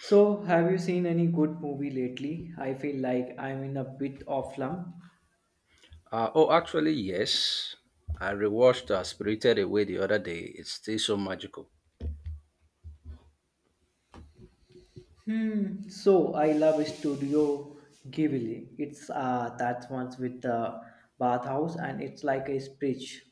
So, have you seen any good movie lately? I feel like I'm in a bit of slump. Oh, Actually, yes. I rewatched Spirited Away the other day. It's still so magical. Hmm. So, I love Studio Ghibli. It's that one's with the bathhouse, and it's like a speech.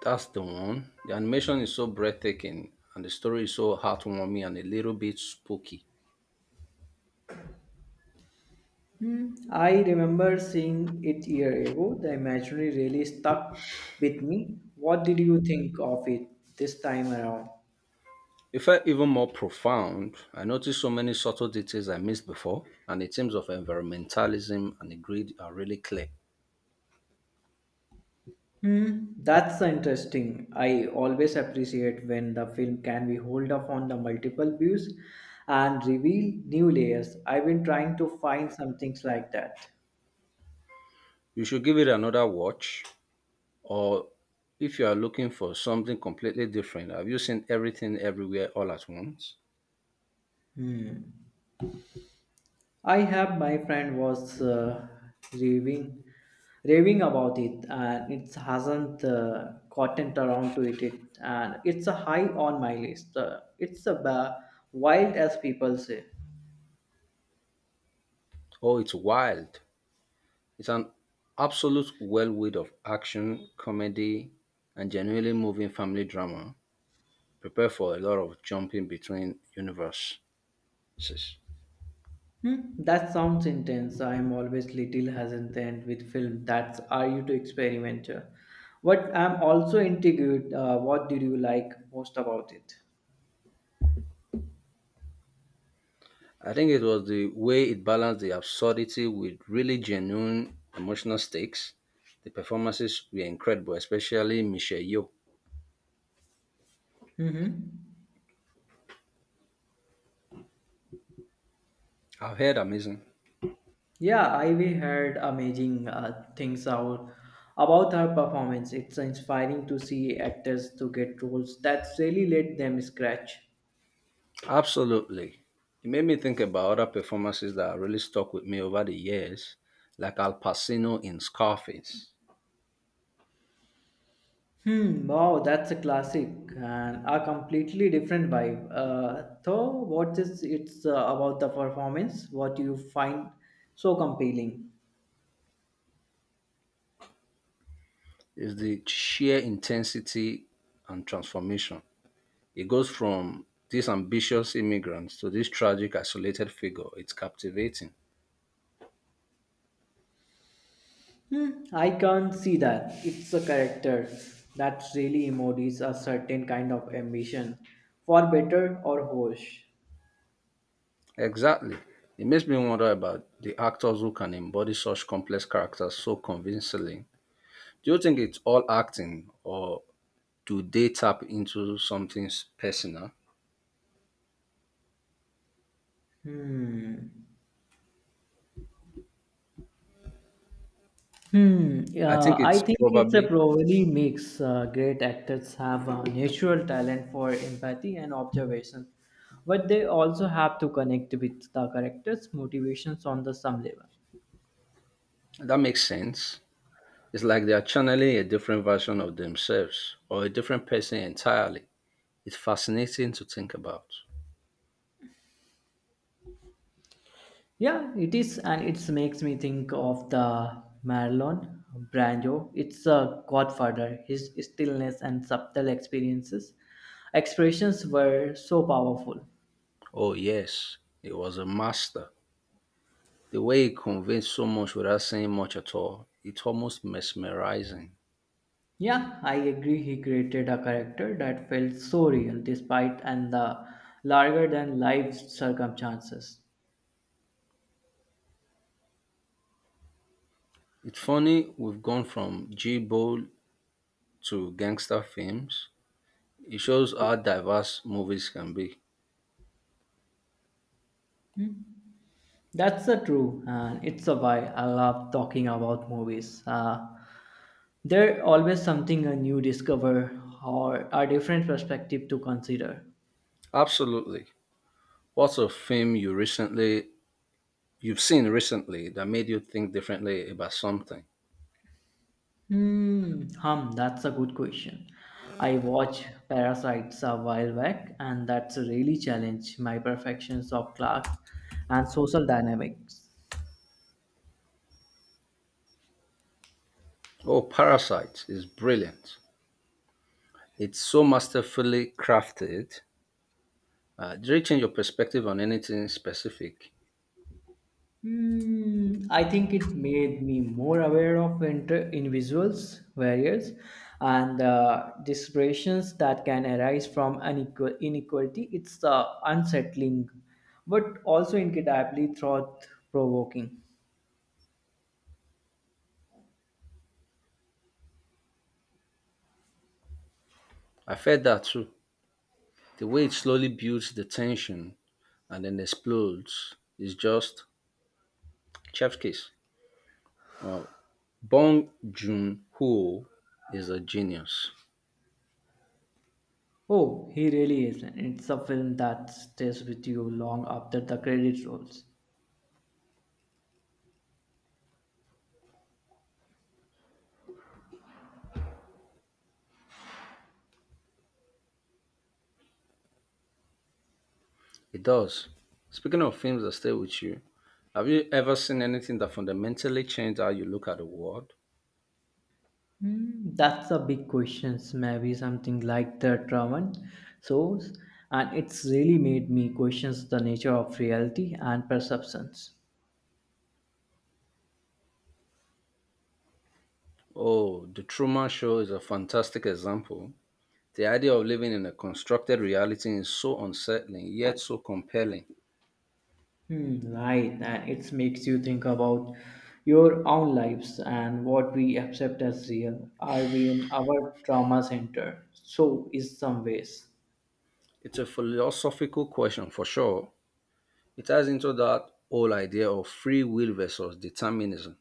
That's the one. The animation is so breathtaking, and the story is so heartwarming and a little bit spooky. Hmm. I remember seeing it year ago. The imagery really stuck with me. What did you think of it this time around? It felt even more profound. I noticed so many subtle details I missed before, and the themes of environmentalism and the grid are really clear. Hmm, that's interesting. I always appreciate when the film can be hold up on the multiple views and reveal new layers. I've been trying to find some things like that. You should give it another watch, or if you are looking for something completely different, have you seen Everything Everywhere All at Once? Hmm. I have my friend was raving, raving about it, and it hasn't gotten around to it, and it's a high on my list. Wild as people say. Oh, it's wild. It's an absolute whirlwind of action, comedy, and genuinely moving family drama. Prepare for a lot of jumping between universes. Hmm, that sounds intense. I am always little hesitant with film. That's are you to experimenter. But I'm also intrigued. What did you like most about it? I think it was the way it balanced the absurdity with really genuine emotional stakes. The performances were incredible, especially Michelle Yeoh. Mm-hmm. I've heard amazing. Yeah, I we heard amazing things out about her performance. It's inspiring to see actors to get roles that really let them scratch. Absolutely. It made me think about other performances that really stuck with me over the years, like Al Pacino in Scarface. Hmm, wow, that's a classic and a completely different vibe. Though, what is it's About the performance? What do you find so compelling? It's the sheer intensity and transformation. It goes from these ambitious immigrants to this tragic, isolated figure. It's captivating. Hmm, I can't see that. It's a character that really embodies a certain kind of ambition, for better or worse. Exactly. It makes me wonder about the actors who can embody such complex characters so convincingly. Do you think it's all acting or do they tap into something personal? Hmm. Hmm. I think Yeah, I it's think it's a probably probably mix. Great actors have a natural talent for empathy and observation, but they also have to connect with the characters' motivations on the some level. that makes sense. It's like they are channeling a different version of themselves or a different person entirely. It's fascinating to think about. Yeah, it is, and it makes me think of the Marlon Brando. It's a Godfather. His stillness and expressions were so powerful. Oh, yes, he was a master. The way he conveyed so much without saying much at all, it's almost mesmerizing. Yeah, I agree. He created a character that felt so real despite and the larger than life circumstances. It's funny we've gone from G Bowl to gangster films. It shows how diverse movies can be. That's the true, and it's a why I love talking about movies. There always something a new discover or a different perspective to consider. Absolutely. What's a film you've seen recently that made you think differently about something? That's a good question. I watched Parasites a while back, and that's really challenged my perfections of class and social dynamics. Oh, Parasite is brilliant. It's so masterfully crafted. Did it change your perspective on anything specific? Hmm, I think it made me more aware of individuals' barriers and the desperations that can arise from inequality. It's unsettling, but also incredibly thought-provoking. I felt that too. The way it slowly builds the tension and then explodes is just chef's kiss. Uh, Bong Joon Ho is a genius. Oh, he really is. It's a film that stays with you long after the credits rolls. It does. Speaking of films that stay with you, have you ever seen anything that fundamentally changed how you look at the world? Hmm, that's a big question. Maybe something like the trauma source, and it's really made me question the nature of reality and perceptions. Oh, The Truman Show is a fantastic example. The idea of living in a constructed reality is so unsettling yet so compelling. Hmm, right, and it makes you think about your own lives and what we accept as real. Are we in our trauma center? So, is some ways. It's a philosophical question for sure. It ties into that whole idea of free will versus determinism.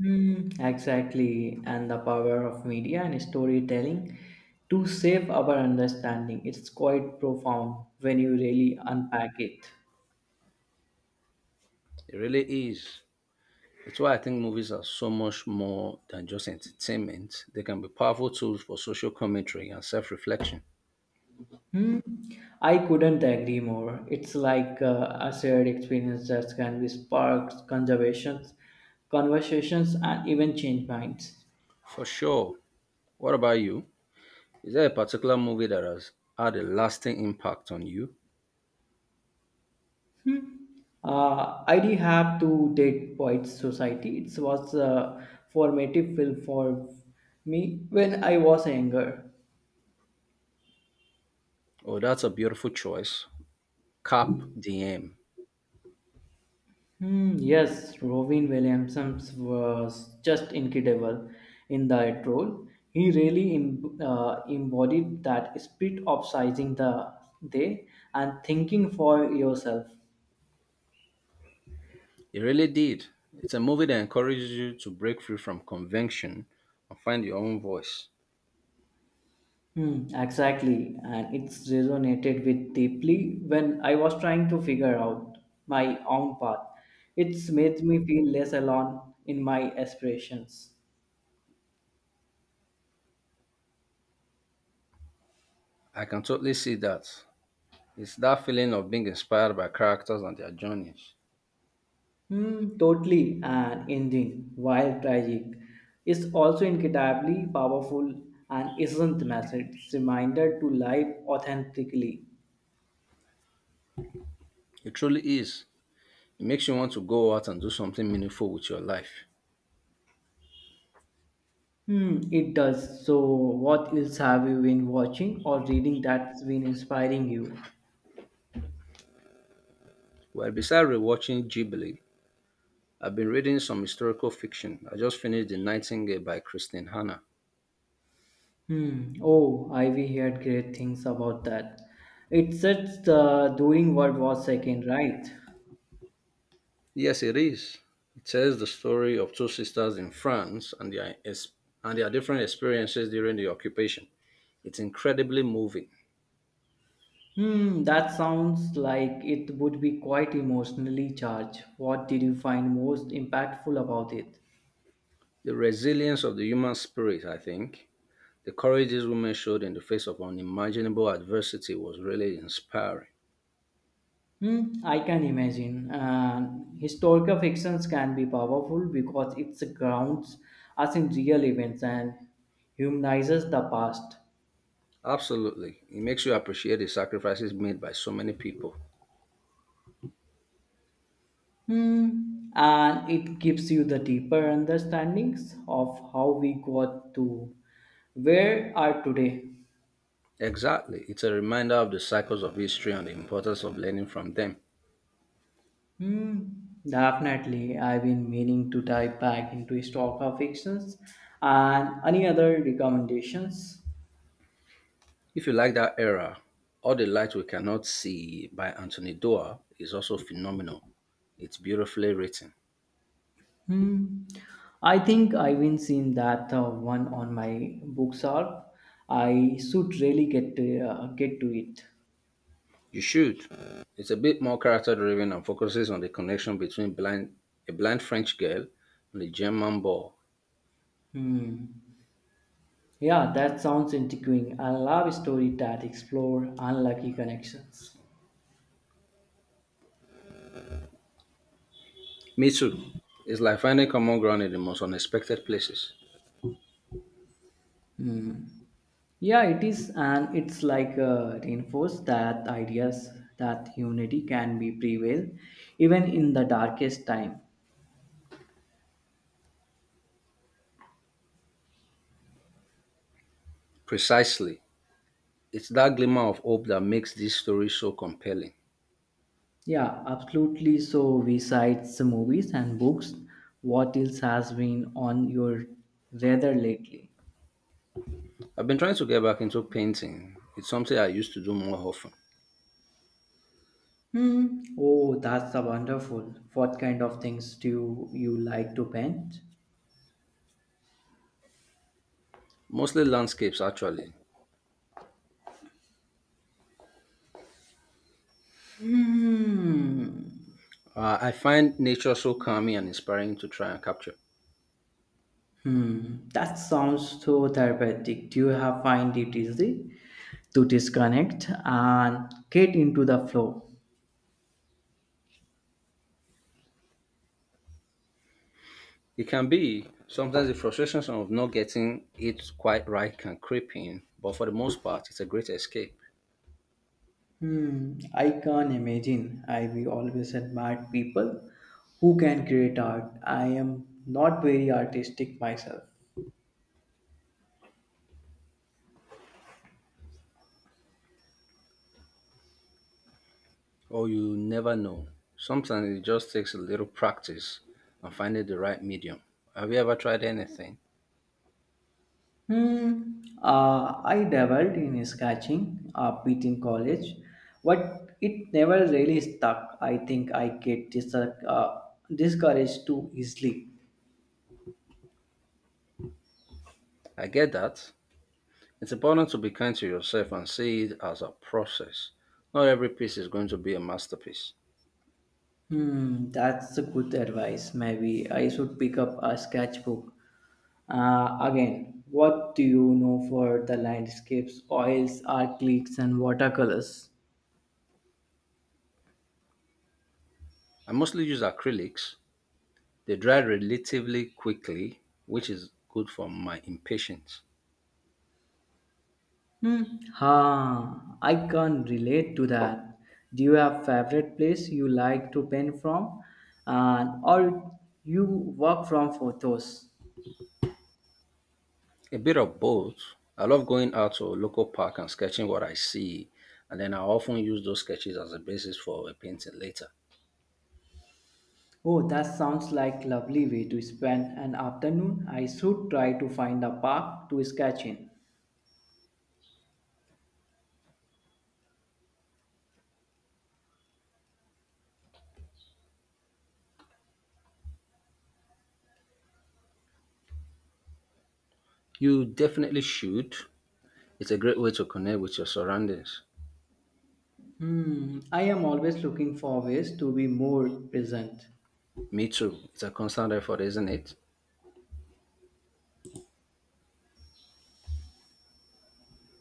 Mm, exactly, and the power of media and storytelling to shape our understanding. It's quite profound when you really unpack it. It really is. It's why I think movies are so much more than just entertainment. They can be powerful tools for social commentary and self reflection. I couldn't agree more. It's like a shared experience that can be sparked conversations, and even change minds. For sure. What about you? Is there a particular movie that has had a lasting impact on you? I did have to date Poets Society. It was a formative film for me when I was younger. Oh, that's a beautiful choice. Cap DM. Hmm, yes, Robin Williams was just incredible in that role. He really embodied that spirit of sizing the day and thinking for yourself. It really did. It's a movie that encourages you to break free from convention and find your own voice. Hmm, exactly, and it's resonated with deeply when I was trying to figure out my own path. It's made me feel less alone in my aspirations. I can totally see that. It's that feeling of being inspired by characters and their journeys. Hmm, totally an ending, while tragic, is also incredibly powerful and isn't the message. It's a reminder to live authentically. It truly is. It makes you want to go out and do something meaningful with your life. Hmm, it does. So, what else have you been watching or reading that's been inspiring you? Well, besides rewatching Ghibli, I've been reading some historical fiction. I just finished The Nightingale by Christine Hanna. Hmm. Oh, Ivy heard great things about that. It's just during World War Second, right? Yes, it is. It tells the story of two sisters in France and and their different experiences during the occupation. It's incredibly moving. Hmm, that sounds like it would be quite emotionally charged. What did you find most impactful about it? The resilience of the human spirit, I think. The courage these women showed in the face of unimaginable adversity was really inspiring. Hmm, I can imagine. And historical fictions can be powerful because it grounds us in real events and humanizes the past. Absolutely. It makes you appreciate the sacrifices made by so many people. Hmm, and it gives you the deeper understandings of how we got to where are today. Exactly. It's a reminder of the cycles of history and the importance of learning from them. Hmm, definitely. I've been meaning to dive back into historical fictions and any other recommendations. If you like that era, All the Light We Cannot See by Anthony Doerr is also phenomenal. It's beautifully written. Hmm, I think I've been seeing that one on my bookshelf. I should really get to it. You should. It's a bit more character driven and focuses on the connection between a blind French girl and a German boy. Hmm. Yeah, that sounds intriguing. I love stories that explore unlucky connections. Me too. It's like finding common ground in the most unexpected places. Yeah, it is, and it's like reinforce that ideas that unity can be prevail even in the darkest time. Precisely. It's that glimmer of hope that makes these stories so compelling. Yeah, absolutely. So we cite some movies and books. What else has been on your radar lately? I've been trying to get back into painting. It's something I used to do more often, Hmm. Oh, that's a wonderful. What kind of things do you like to paint? mostly landscapes actually. Hmm. I find nature so calming and inspiring to try and capture. Hmm, that sounds so therapeutic. Do you have find it easy to disconnect and get into the flow? It can be sometimes the frustrations of not getting it quite right can creep in, but for the most part, it's a great escape. Hmm, I can't imagine. I we always admire people who can create art. I am not very artistic myself. Oh, you never know. Sometimes it just takes a little practice and finding the right medium. Have you ever tried anything? Hmm. I dabbled in sketching a bit in college, but it never really stuck. I think I get discouraged too easily. I get that. It's important to be kind to yourself and see it as a process. Not every piece is going to be a masterpiece. Hmm, that's a good advice. Maybe I should pick up a sketchbook. Again, what do you know for the landscapes, oils, acrylics, and watercolors? I mostly use acrylics. They dry relatively quickly, which is good for my impatience. Hmm. Ha, I can't relate to that. Do you have favorite place you like to paint from, and or you work from photos? A bit of both. I love going out to a local park and sketching what I see, and then I often use those sketches as a basis for a painting later. Oh, that sounds like lovely way to spend an afternoon. I should try to find a park to sketch in. You definitely should. It's a great way to connect with your surroundings. Hmm, I am always looking for ways to be more present. Me too. It's a constant effort, isn't it?